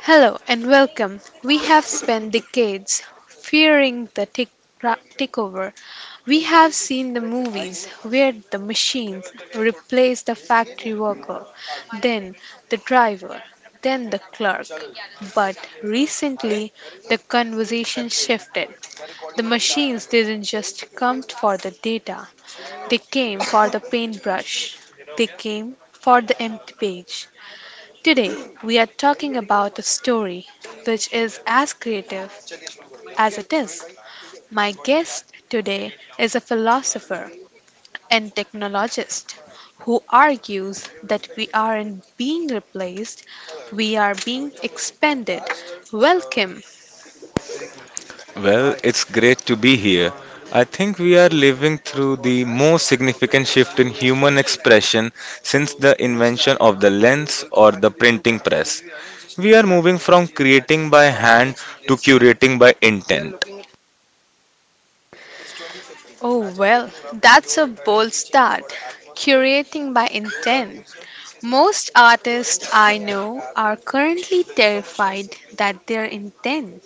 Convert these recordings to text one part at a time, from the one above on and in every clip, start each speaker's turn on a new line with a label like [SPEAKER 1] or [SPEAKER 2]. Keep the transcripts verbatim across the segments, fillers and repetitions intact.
[SPEAKER 1] Hello and welcome. We have spent decades fearing the tick ra- takeover. We have seen the movies where the machines replace the factory worker, then the driver, then the clerk. But recently, the conversation shifted. The machines didn't just come for the data, they came for the paintbrush, they came for the empty page. Today, we are talking about a story which is as creative as it is. My guest today is a philosopher and technologist who argues that we aren't being replaced, we are being expanded. Welcome.
[SPEAKER 2] Well, it's great to be here. I think we are living through the most significant shift in human expression since the invention of the lens or the printing press. We are moving from creating by hand to curating by intent.
[SPEAKER 1] Oh, well, that's a bold start. Curating by intent. Most artists I know are currently terrified that their intent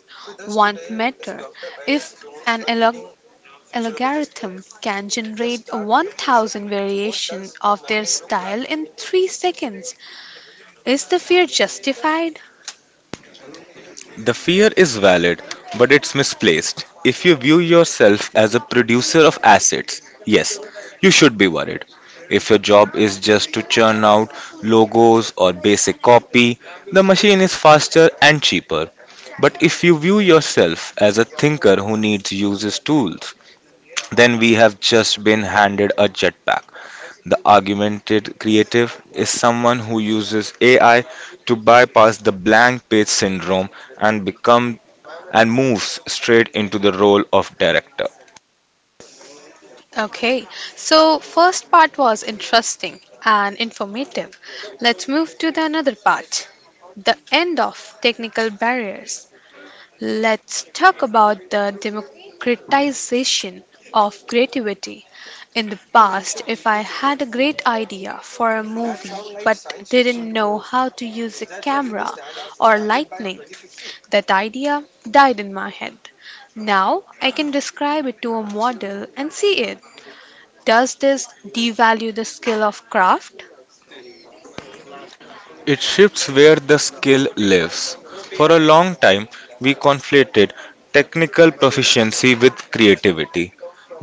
[SPEAKER 1] won't matter if an alg- algorithm can generate one thousand variations of their style in three seconds. Is the fear justified?
[SPEAKER 2] The fear is valid, but it's misplaced. If you view yourself as a producer of assets, yes, you should be worried. If your job is just to churn out logos or basic copy, the machine is faster and cheaper. But if you view yourself as a thinker who needs uses tools, then we have just been handed a jetpack. The augmented creative is someone who uses A I to bypass the blank page syndrome and become and moves straight into the role of director.
[SPEAKER 1] Okay, so first part was interesting and informative. Let's move to the another part, the end of technical barriers. Let's talk about the democratization of creativity. In the past, if I had a great idea for a movie but didn't know how to use a camera or lighting, that idea died in my head. Now I can describe it to a model and see it. Does this devalue the skill of craft?
[SPEAKER 2] It shifts where the skill lives. For a long time, we conflated technical proficiency with creativity.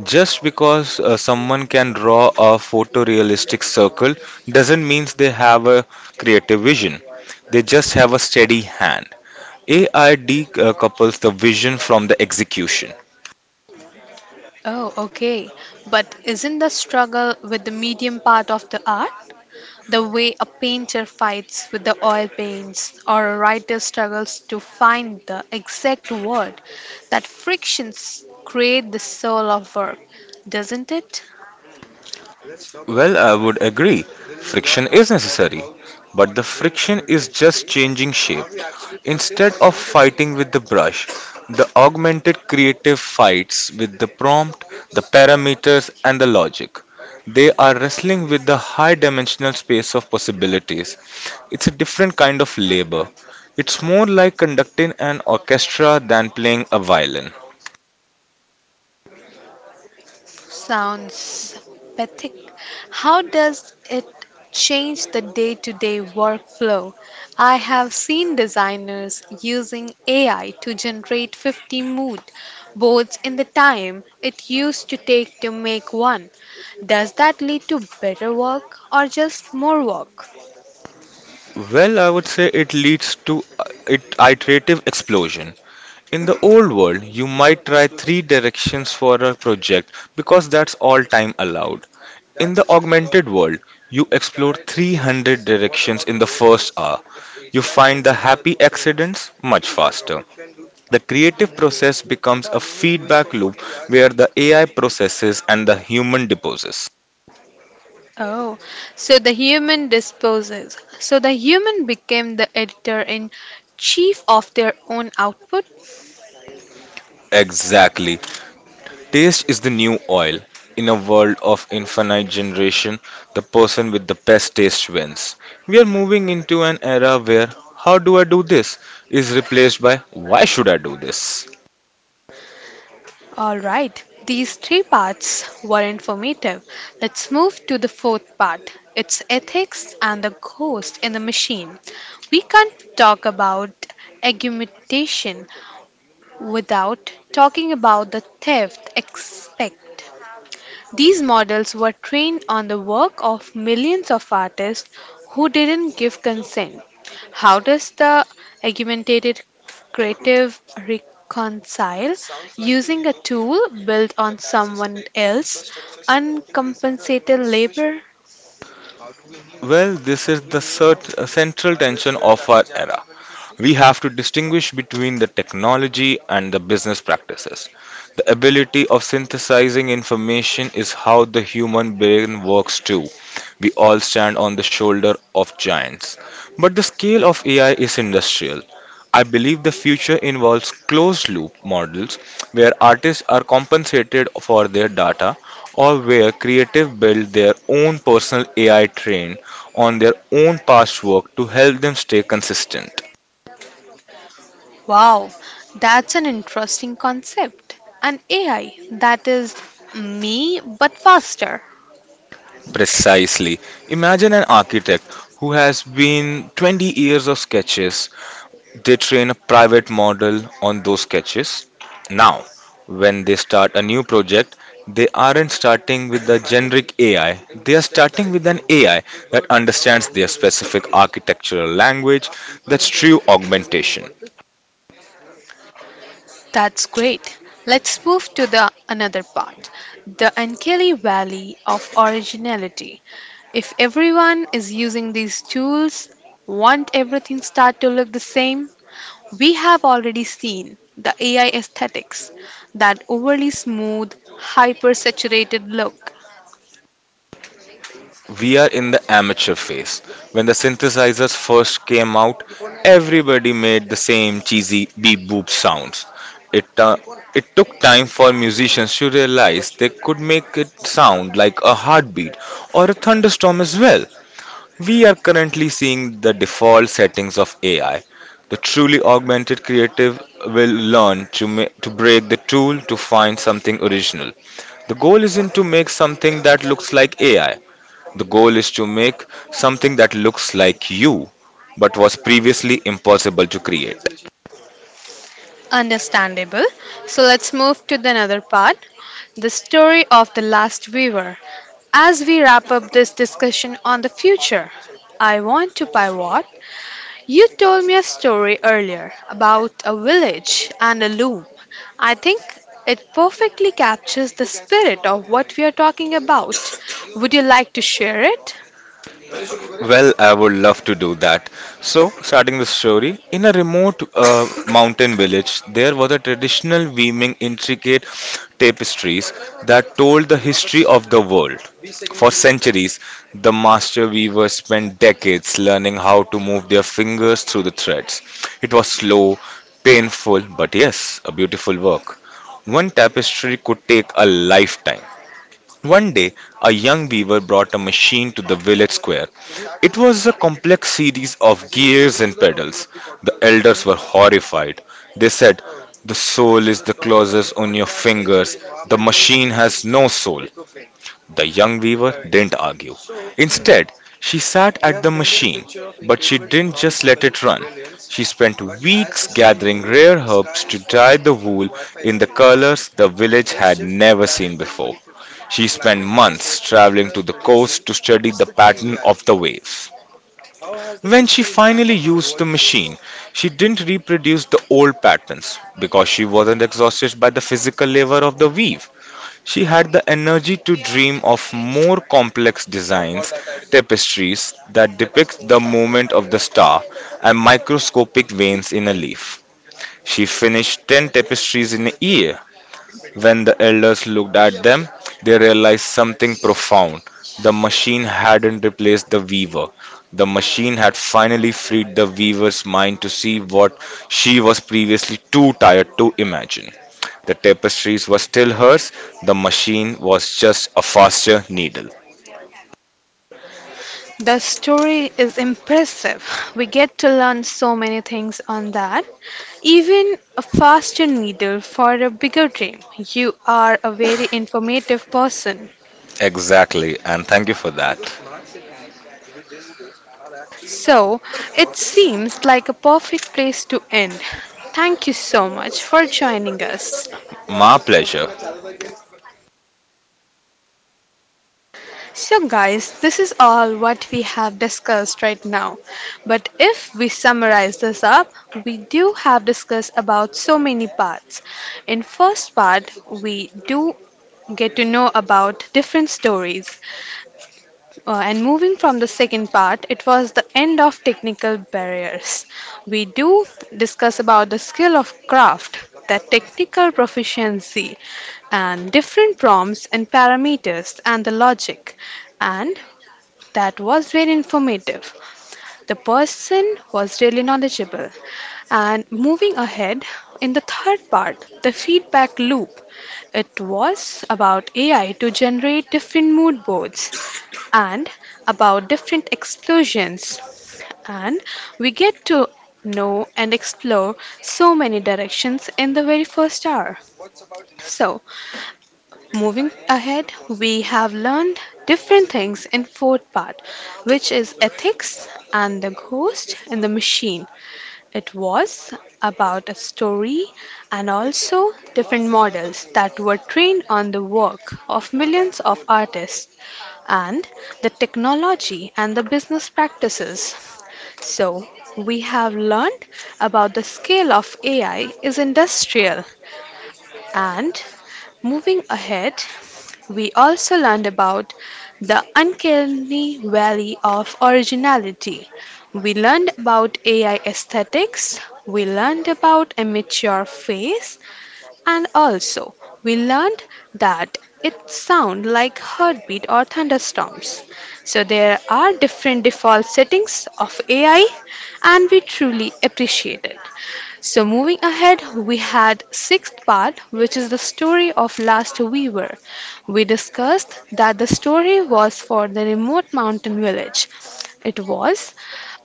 [SPEAKER 2] Just because uh, someone can draw a photorealistic circle doesn't mean they have a creative vision. They just have a steady hand. A I decouples the vision from the execution.
[SPEAKER 1] Oh, okay. But isn't the struggle with the medium part of the art? The way a painter fights with the oil paints, or a writer struggles to find the exact word, that frictions create the soul of work, doesn't it?
[SPEAKER 2] Well, I would agree. Friction is necessary, but the friction is just changing shape. Instead of fighting with the brush, the augmented creative fights with the prompt, the parameters, and the logic. They are wrestling with the high dimensional space of possibilities. It's a different kind of labor. It's more like conducting an orchestra than playing a violin.
[SPEAKER 1] Sounds pathetic. How does it change the day-to-day workflow? I have seen designers using A I to generate fifty mood boards in the time it used to take to make one. Does that lead to better work or just more work?
[SPEAKER 2] Well, I would say it leads to uh, it iterative explosion. In the old world, you might try three directions for a project because that's all time allowed. In the augmented world, you explore three hundred directions in the first hour. You find the happy accidents much faster. The creative process becomes a feedback loop where the A I processes and the human deposes.
[SPEAKER 1] Oh, so the human disposes. So the human became the editor in chief of their own output?
[SPEAKER 2] Exactly. Taste is the new oil. In a world of infinite generation, the person with the best taste wins. We are moving into an era where how do I do this is replaced by why should I do this?
[SPEAKER 1] All right, these three parts were informative. Let's move to the fourth part. It's ethics and the ghost in the machine. We can't talk about argumentation without talking about the theft aspect. These models were trained on the work of millions of artists who didn't give consent. How does the argumentative creative reconcile using a tool built on someone else's uncompensated labor?
[SPEAKER 2] Well, this is the cert- central tension of our era. We have to distinguish between the technology and the business practices. The ability of synthesizing information is how the human brain works too. We all stand on the shoulder of giants. But the scale of A I is industrial. I believe the future involves closed loop models where artists are compensated for their data or where creative build their own personal A I trained on their own past work to help them stay consistent.
[SPEAKER 1] Wow, that's an interesting concept. An A I that is me but faster.
[SPEAKER 2] Precisely. Imagine an architect who has been twenty years of sketches. They train a private model on those sketches. Now, when they start a new project, they aren't starting with the generic A I. They are starting with an A I that understands their specific architectural language. That's true augmentation.
[SPEAKER 1] That's great. Let's move to the another part, the Ankeli Valley of Originality. If everyone is using these tools, won't everything start to look the same? We have already seen the A I aesthetics, that overly smooth, hyper-saturated look.
[SPEAKER 2] We are in the amateur phase. When the synthesizers first came out, everybody made the same cheesy beep boop sounds. It, uh, it took time for musicians to realize they could make it sound like a heartbeat or a thunderstorm as well. We are currently seeing the default settings of A I. The truly augmented creative will learn to, ma- to break the tool to find something original. The goal isn't to make something that looks like A I, the goal is to make something that looks like you but was previously impossible to create.
[SPEAKER 1] Understandable. So let's move to the another part, the story of the last weaver. As we wrap up this discussion on the future, I want to pivot. You told me a story earlier about a village and a loom. I think it perfectly captures the spirit of what we are talking about. Would you like to share it?
[SPEAKER 2] Well, I would love to do that. So, starting the story, in a remote uh, mountain village, there was a traditional weaving intricate tapestries that told the history of the world. For centuries, the master weavers spent decades learning how to move their fingers through the threads. It was slow, painful, but yes, a beautiful work. One tapestry could take a lifetime. One day, a young weaver brought a machine to the village square. It was a complex series of gears and pedals. The elders were horrified. They said, "The soul is the clauses on your fingers. The machine has no soul." The young weaver didn't argue. Instead, she sat at the machine, but she didn't just let it run. She spent weeks gathering rare herbs to dye the wool in the colors the village had never seen before. She spent months traveling to the coast to study the pattern of the waves. When she finally used the machine, she didn't reproduce the old patterns because she wasn't exhausted by the physical labor of the weave. She had the energy to dream of more complex designs, tapestries that depict the movement of the star and microscopic veins in a leaf. She finished ten tapestries in a year. When the elders looked at them, they realized something profound. The machine hadn't replaced the weaver. The machine had finally freed the weaver's mind to see what she was previously too tired to imagine. The tapestries were still hers, the machine was just a faster needle.
[SPEAKER 1] The story is impressive. We get to learn so many things on that. Even a faster needle for a bigger dream. You are a very informative person.
[SPEAKER 2] Exactly, and thank you for that.
[SPEAKER 1] So, it seems like a perfect place to end. Thank you so much for joining us.
[SPEAKER 2] My pleasure.
[SPEAKER 1] So, guys, this is all what we have discussed right now. But if we summarize this up, we do have discussed about so many parts. In first part, we do get to know about different stories. Uh, and moving from the second part, it was the end of technical barriers. We do discuss about the skill of craft, the technical proficiency, and different prompts and parameters and the logic. And that was very informative. The person was really knowledgeable. And moving ahead, in the third part, the feedback loop. It was about A I to generate different mood boards and about different explosions. And we get to know and explore so many directions in the very first hour. So, moving ahead, we have learned different things in fourth part, which is ethics and the ghost and the machine. It was about a story and also different models that were trained on the work of millions of artists and the technology and the business practices. So we have learned about the scale of A I is industrial. And moving ahead, we also learned about the uncanny valley of originality. We learned about A I aesthetics, we learned about amateur face, and also we learned that it sounds like heartbeat or thunderstorms. So there are different default settings of A I and we truly appreciate it. So moving ahead, we had sixth part, which is the story of Last Weaver. We discussed that the story was for the remote mountain village. It was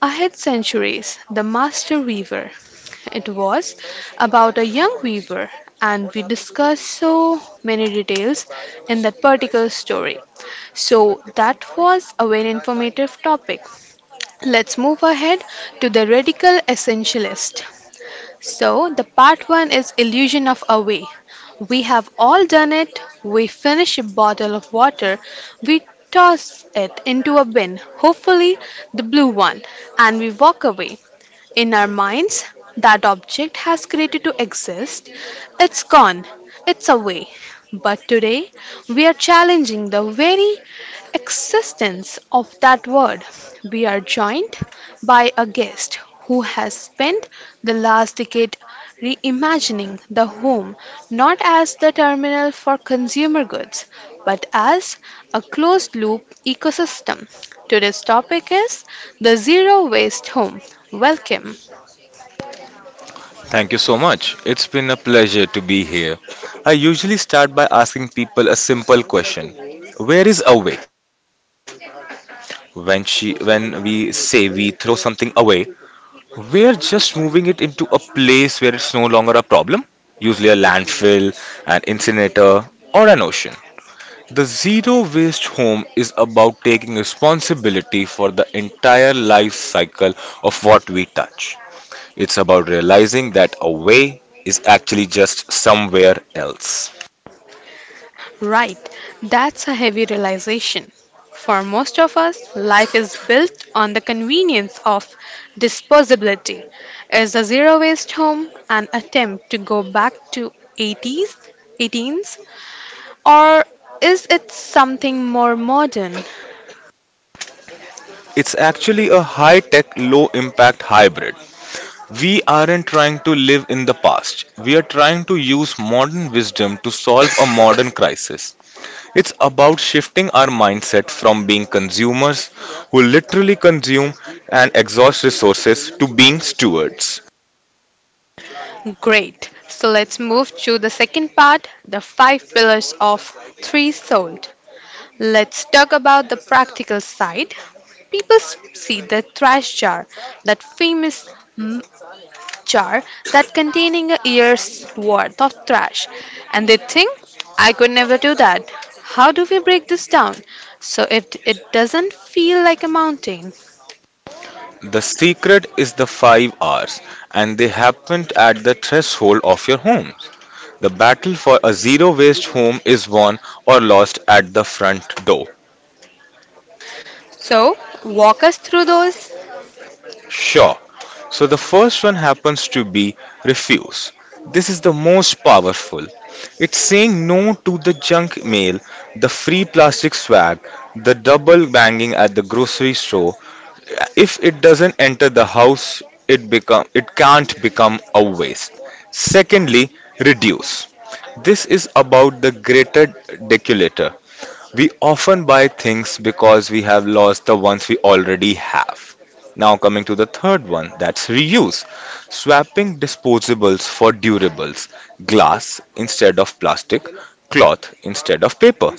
[SPEAKER 1] ahead centuries, the master weaver. It was about a young weaver, and we discussed so many details in that particular story. So that was a very informative topic. Let's move ahead to the radical essentialist. So, the part one is illusion of away. We have all done it. We finish a bottle of water, we toss it into a bin, hopefully the blue one, and we walk away. In our minds, that object has created to exist. It's gone. It's away. But today, we are challenging the very existence of that word. We are joined by a guest who has spent the last decade reimagining the home not as the terminal for consumer goods but as a closed loop ecosystem. Today's topic is the zero waste home. Welcome.
[SPEAKER 2] Thank you so much. It's been a pleasure to be here. I usually start by asking people a simple question. Where is away? When she when we say we throw something away, we're just moving it into a place where it's no longer a problem, usually a landfill, an incinerator, or an ocean. The zero waste home is about taking responsibility for the entire life cycle of what we touch. It's about realizing that away is actually just somewhere else.
[SPEAKER 1] Right, that's a heavy realization. For most of us, life is built on the convenience of disposability. Is a zero waste home an attempt to go back to eighties, eighteens, or is it something more modern?
[SPEAKER 2] It's actually a high tech, low impact hybrid. We aren't trying to live in the past, we are trying to use modern wisdom to solve a modern crisis. It's about shifting our mindset from being consumers who literally consume and exhaust resources to being stewards.
[SPEAKER 1] Great. So let's move to the second part, the five pillars of three sold. Let's talk about the practical side. People s- see the trash jar, that famous mm, jar that containing a year's worth of trash, and they think, I could never do that. How do we break this down so it, it doesn't feel like a mountain?
[SPEAKER 2] The secret is the five R's, and they happen at the threshold of your home. The battle for a zero waste home is won or lost at the front door.
[SPEAKER 1] So, walk us through those.
[SPEAKER 2] Sure, so the first one happens to be refuse. This is the most powerful. It's saying no to the junk mail, the free plastic swag, the double banging at the grocery store. If it doesn't enter the house, it become it can't become a waste. Secondly, reduce. This is about the greater deculator. We often buy things because we have lost the ones we already have. Now, coming to the third one, that's reuse. Swapping disposables for durables, glass instead of plastic, cloth instead of paper.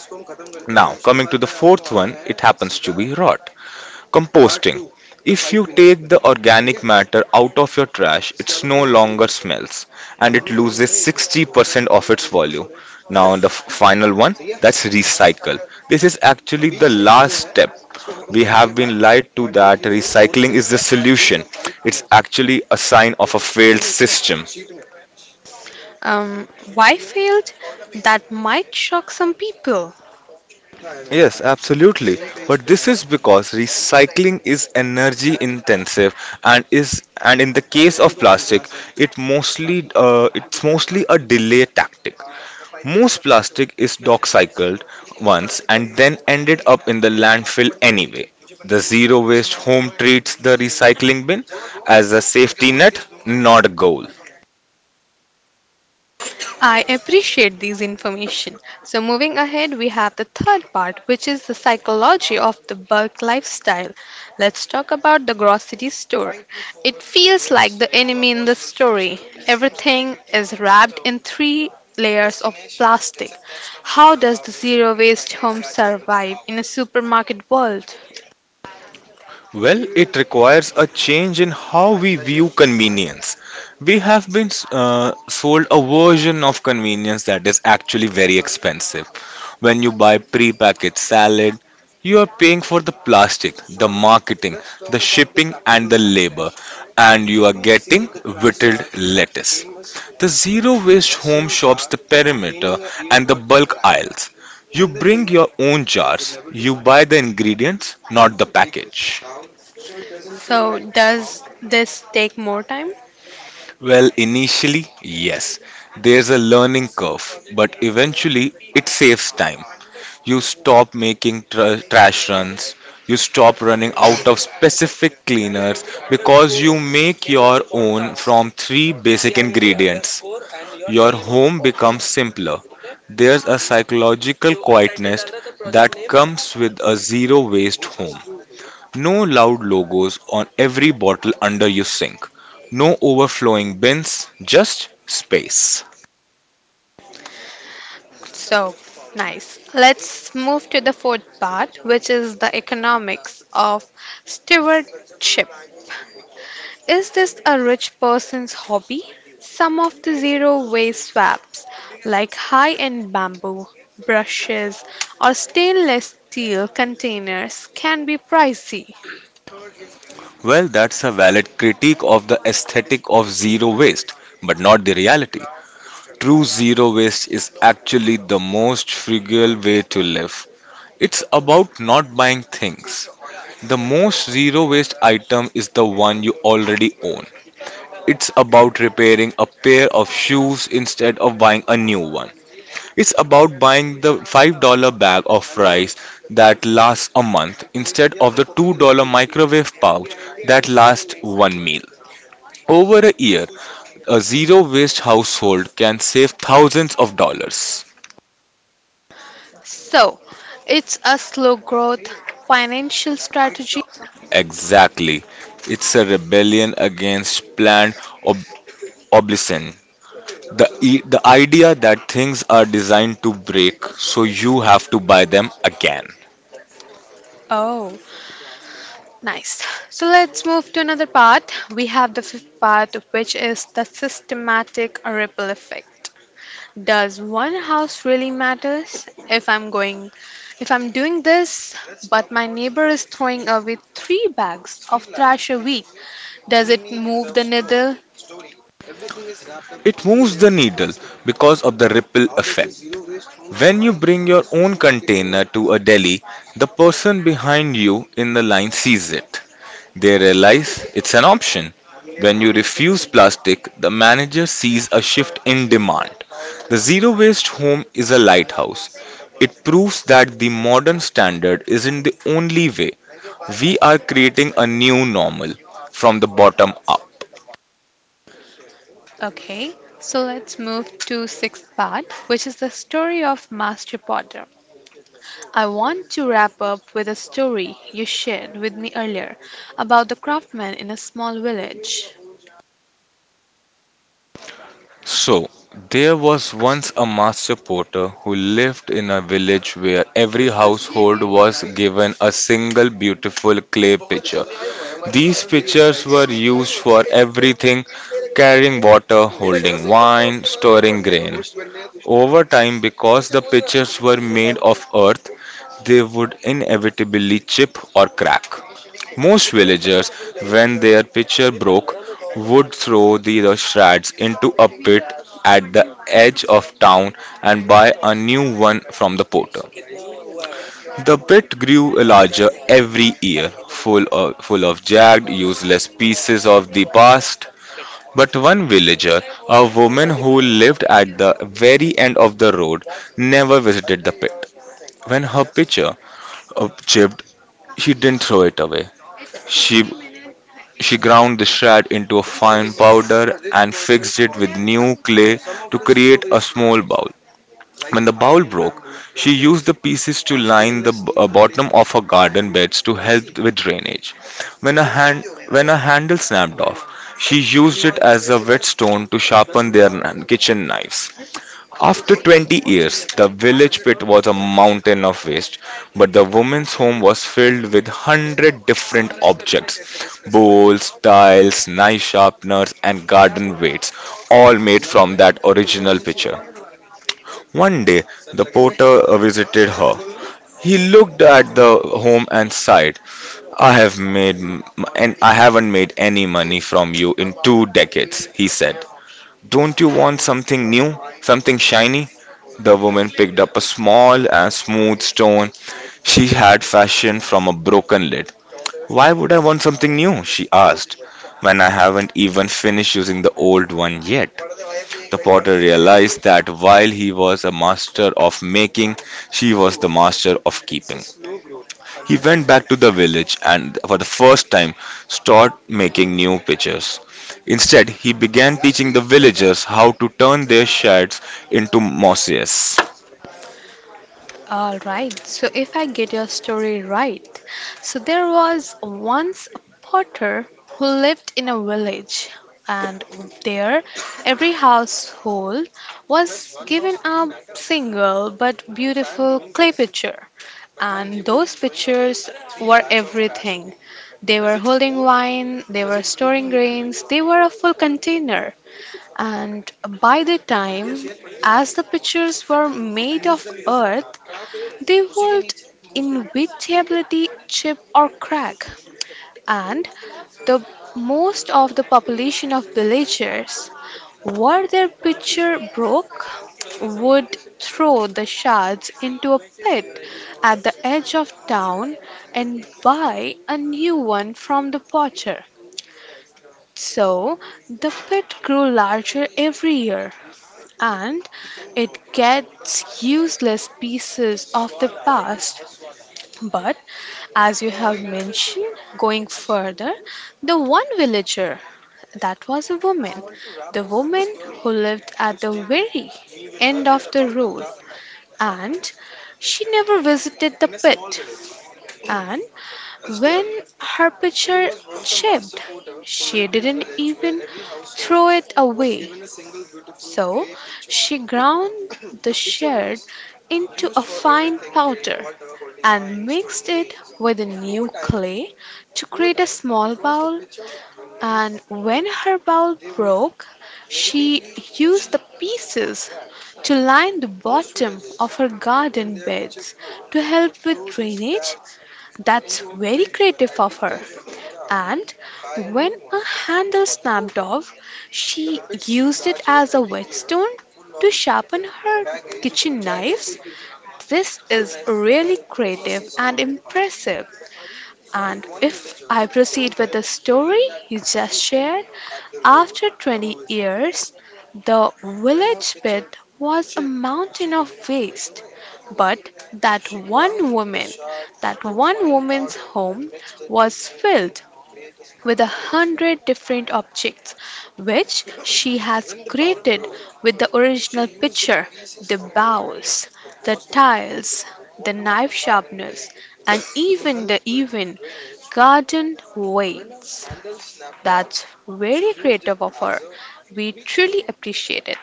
[SPEAKER 2] Now, coming to the fourth one, it happens to be rot. Composting. If you take the organic matter out of your trash, it no longer smells and it loses sixty percent of its value. Now, the f- final one, that's recycle. This is actually the last step. We have been lied to that recycling is the solution. It's actually a sign of a failed system.
[SPEAKER 1] Um, why failed? That might shock some people.
[SPEAKER 2] Yes, absolutely. But this is because recycling is energy intensive and is and in the case of plastic, it mostly uh, it's mostly a delay tactic. Most plastic is dock cycled once and then ended up in the landfill anyway. The zero waste home treats the recycling bin as a safety net, not a goal.
[SPEAKER 1] I appreciate these information. So moving ahead, we have the third part, which is the psychology of the bulk lifestyle. Let's talk about the grocery store. It feels like the enemy in the story. Everything is wrapped in three layers of plastic. How does the zero waste home survive in a supermarket world?
[SPEAKER 2] Well, it requires a change in how we view convenience. We have been uh, sold a version of convenience that is actually very expensive. When you buy pre-packaged salad, you are paying for the plastic, the marketing, the shipping, and the labor, and you are getting whittled lettuce. The zero waste home shops the perimeter and the bulk aisles. You bring your own jars, you buy the ingredients, not the package.
[SPEAKER 1] So does this take more time?
[SPEAKER 2] Well, initially, yes, there's a learning curve, but eventually it saves time. You stop making tr- trash runs, you stop running out of specific cleaners because you make your own from three basic ingredients. Your home becomes simpler. There's a psychological quietness that comes with a zero waste home. No loud logos on every bottle under your sink. No overflowing bins, just space.
[SPEAKER 1] So, nice. Let's move to the fourth part, which is the economics of stewardship. Is this a rich person's hobby? Some of the zero waste swaps, like high end bamboo, brushes, or stainless steel containers, can be pricey.
[SPEAKER 2] Well, that's a valid critique of the aesthetic of zero waste, but not the reality. True zero waste is actually the most frugal way to live. It's about not buying things. The most zero waste item is the one you already own. It's about repairing a pair of shoes instead of buying a new one. It's about buying the five dollars bag of rice that lasts a month instead of the two dollars microwave pouch that lasts one meal. Over a year, a zero waste household can save thousands of dollars.
[SPEAKER 1] So, it's a slow growth financial strategy.
[SPEAKER 2] Exactly. It's a rebellion against planned ob- obsolescence. The, e- the idea that things are designed to break, so you have to buy them again.
[SPEAKER 1] Oh, nice. So let's move to another part. We have the fifth part, which is the systematic ripple effect. Does one house really matters? If I'm going, if I'm doing this, but my neighbor is throwing away three bags of trash a week, does it move the needle?
[SPEAKER 2] It moves the needle because of the ripple effect. When you bring your own container to a deli, the person behind you in the line sees it. They realize it's an option. When you refuse plastic, the manager sees a shift in demand. The zero waste home is a lighthouse. It proves that the modern standard isn't the only way. We are creating a new normal from the bottom up.
[SPEAKER 1] Okay. So let's move to sixth part, which is the story of Master Potter. I want to wrap up with a story you shared with me earlier about the craftsman in a small village.
[SPEAKER 2] So, there was once a master potter who lived in a village where every household was given a single beautiful clay pitcher. These pitchers were used for everything: carrying water, holding wine, storing grain. Over time, because the pitchers were made of earth, they would inevitably chip or crack. Most villagers, when their pitcher broke, would throw the, the shreds into a pit at the edge of town and buy a new one from the porter. The pit grew larger every year, full of, full of jagged, useless pieces of the past. But one villager, a woman who lived at the very end of the road, never visited the pit. When her pitcher uh, chipped, she didn't throw it away. She She ground the shad into a fine powder and fixed it with new clay to create a small bowl. When the bowl broke, she used the pieces to line the b- uh, bottom of her garden beds to help with drainage. When a hand when a handle snapped off, she used it as a whetstone to sharpen their kn- kitchen knives. After twenty years, the village pit was a mountain of waste, but the woman's home was filled with one hundred different objects: bowls, tiles, knife sharpeners, and garden weights, all made from that original picture. One day, the porter uh, visited her. He looked at the home and sighed, I have made m- and I haven't made any money from you in two decades," he said. "Don't you want something new? Something shiny?" The woman picked up a small and smooth stone she had fashioned from a broken lid. "Why would I want something new?" she asked, "when I haven't even finished using the old one yet." The potter realized that while he was a master of making, she was the master of keeping. He went back to the village and, for the first time, started making new pitchers. Instead, he began teaching the villagers how to turn their sheds into mosses.
[SPEAKER 1] Alright, so if I get your story right, so there was once a potter who lived in a village, and there every household was given a single but beautiful clay pitcher. And those pictures were everything. They were holding wine, they were storing grains, they were a full container. And by the time, as the pictures were made of earth, they would inevitably chip or crack. And the most of the population of villagers were their pitcher broke, would throw the shards into a pit at the edge of town and buy a new one from the potter. So the pit grew larger every year, and it gets useless pieces of the past. But as you have mentioned, going further, the one villager that was a woman, the woman who lived at the very end of the road, and she never visited the pit. And when her pitcher chipped, she didn't even throw it away. So she ground the shard into a fine powder and mixed it with a new clay to create a small bowl, and when her bowl broke, she used the pieces to line the bottom of her garden beds to help with drainage. That's very creative of her. And when a handle snapped off, she used it as a whetstone to sharpen her kitchen knives. This is really creative and impressive. And if I proceed with the story you just shared, after twenty years, the village pit was a mountain of waste. But that one woman, that one woman's home was filled with a hundred different objects which she has created with the original picture, the bowls, the tiles, the knife sharpness, and even the even garden weights. That's very creative of her. We truly appreciate it.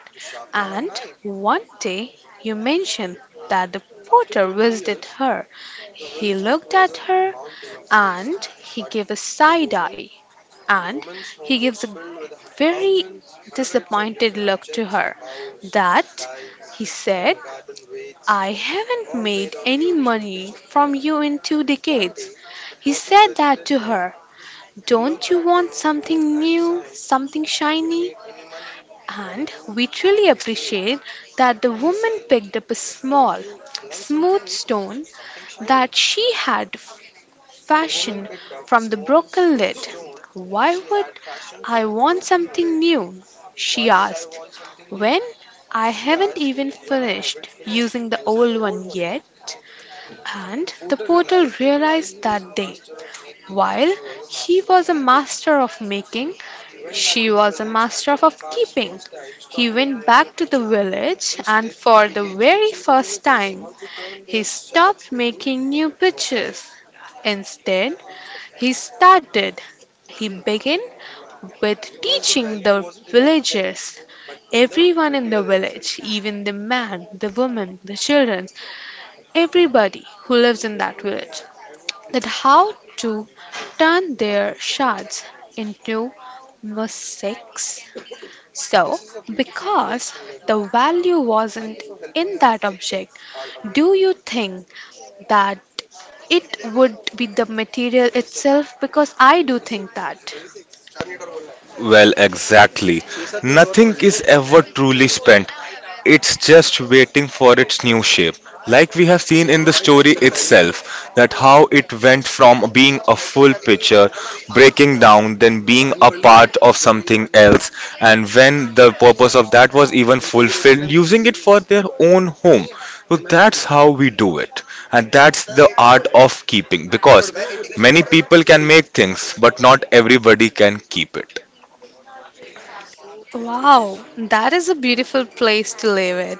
[SPEAKER 1] And one day you mentioned that the porter visited her. He looked at her and he gave a side eye and he gives a very disappointed look to her that he said, I haven't made any money from you in two decades. He said that to her. Don't you want something new, something shiny? And we truly appreciate that the woman picked up a small, smooth stone that she had fashioned from the broken lid. Why would I want something new? She asked, when I haven't even finished using the old one yet. And the portal realized that day, while he was a master of making, she was a master of keeping. He went back to the village, and for the very first time, he stopped making new pitches. Instead, he started. He began with teaching the villagers. Everyone in the village, even the man, the woman, the children, everybody who lives in that village, that how to turn their shards into mosaics. So, because the value wasn't in that object, do you think that it would be the material itself? Because I do think that.
[SPEAKER 2] Well, exactly. Nothing is ever truly spent. It's just waiting for its new shape. Like we have seen in the story itself, that how it went from being a full picture, breaking down, then being a part of something else, and when the purpose of that was even fulfilled, using it for their own home. So that's how we do it, and that's the art of keeping because many people can make things, but not everybody can keep it.
[SPEAKER 1] Wow, that is a beautiful place to live it.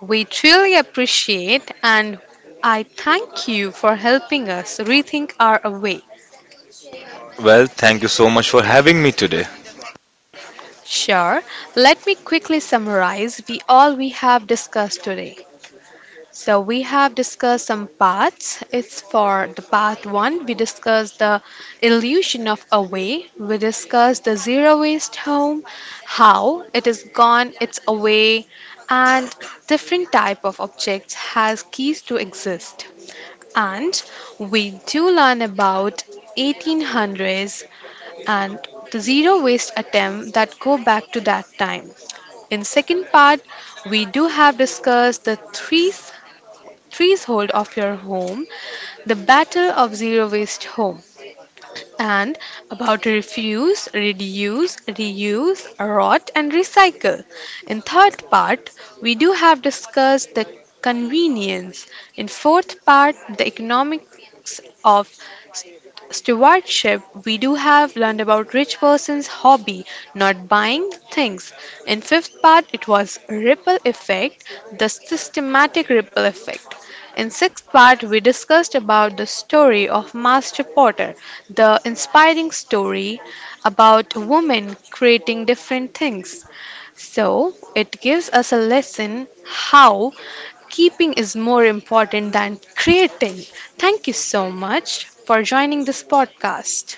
[SPEAKER 1] We truly appreciate and I thank you for helping us rethink our way.
[SPEAKER 2] Well, thank you so much for having me today.
[SPEAKER 1] Sure, let me quickly summarize we all we have discussed today. So we have discussed some paths. It's for the path one, we discussed the illusion of a way. We discussed the zero waste home, how it is gone, it's away, and different type of objects has keys to exist. And we do learn about eighteen hundreds and the zero waste attempt that go back to that time. In second part, we do have discussed the three trees hold of your home, the battle of zero waste home and about refuse, reduce, reuse, rot, and recycle. In third part, we do have discussed the convenience. In fourth part, the economics of st- stewardship, we do have learned about rich person's hobby, not buying things. In fifth part, it was ripple effect, the systematic ripple effect. In sixth part, we discussed about the story of Master Potter, the inspiring story about women creating different things. So, it gives us a lesson how keeping is more important than creating. Thank you so much for joining this podcast.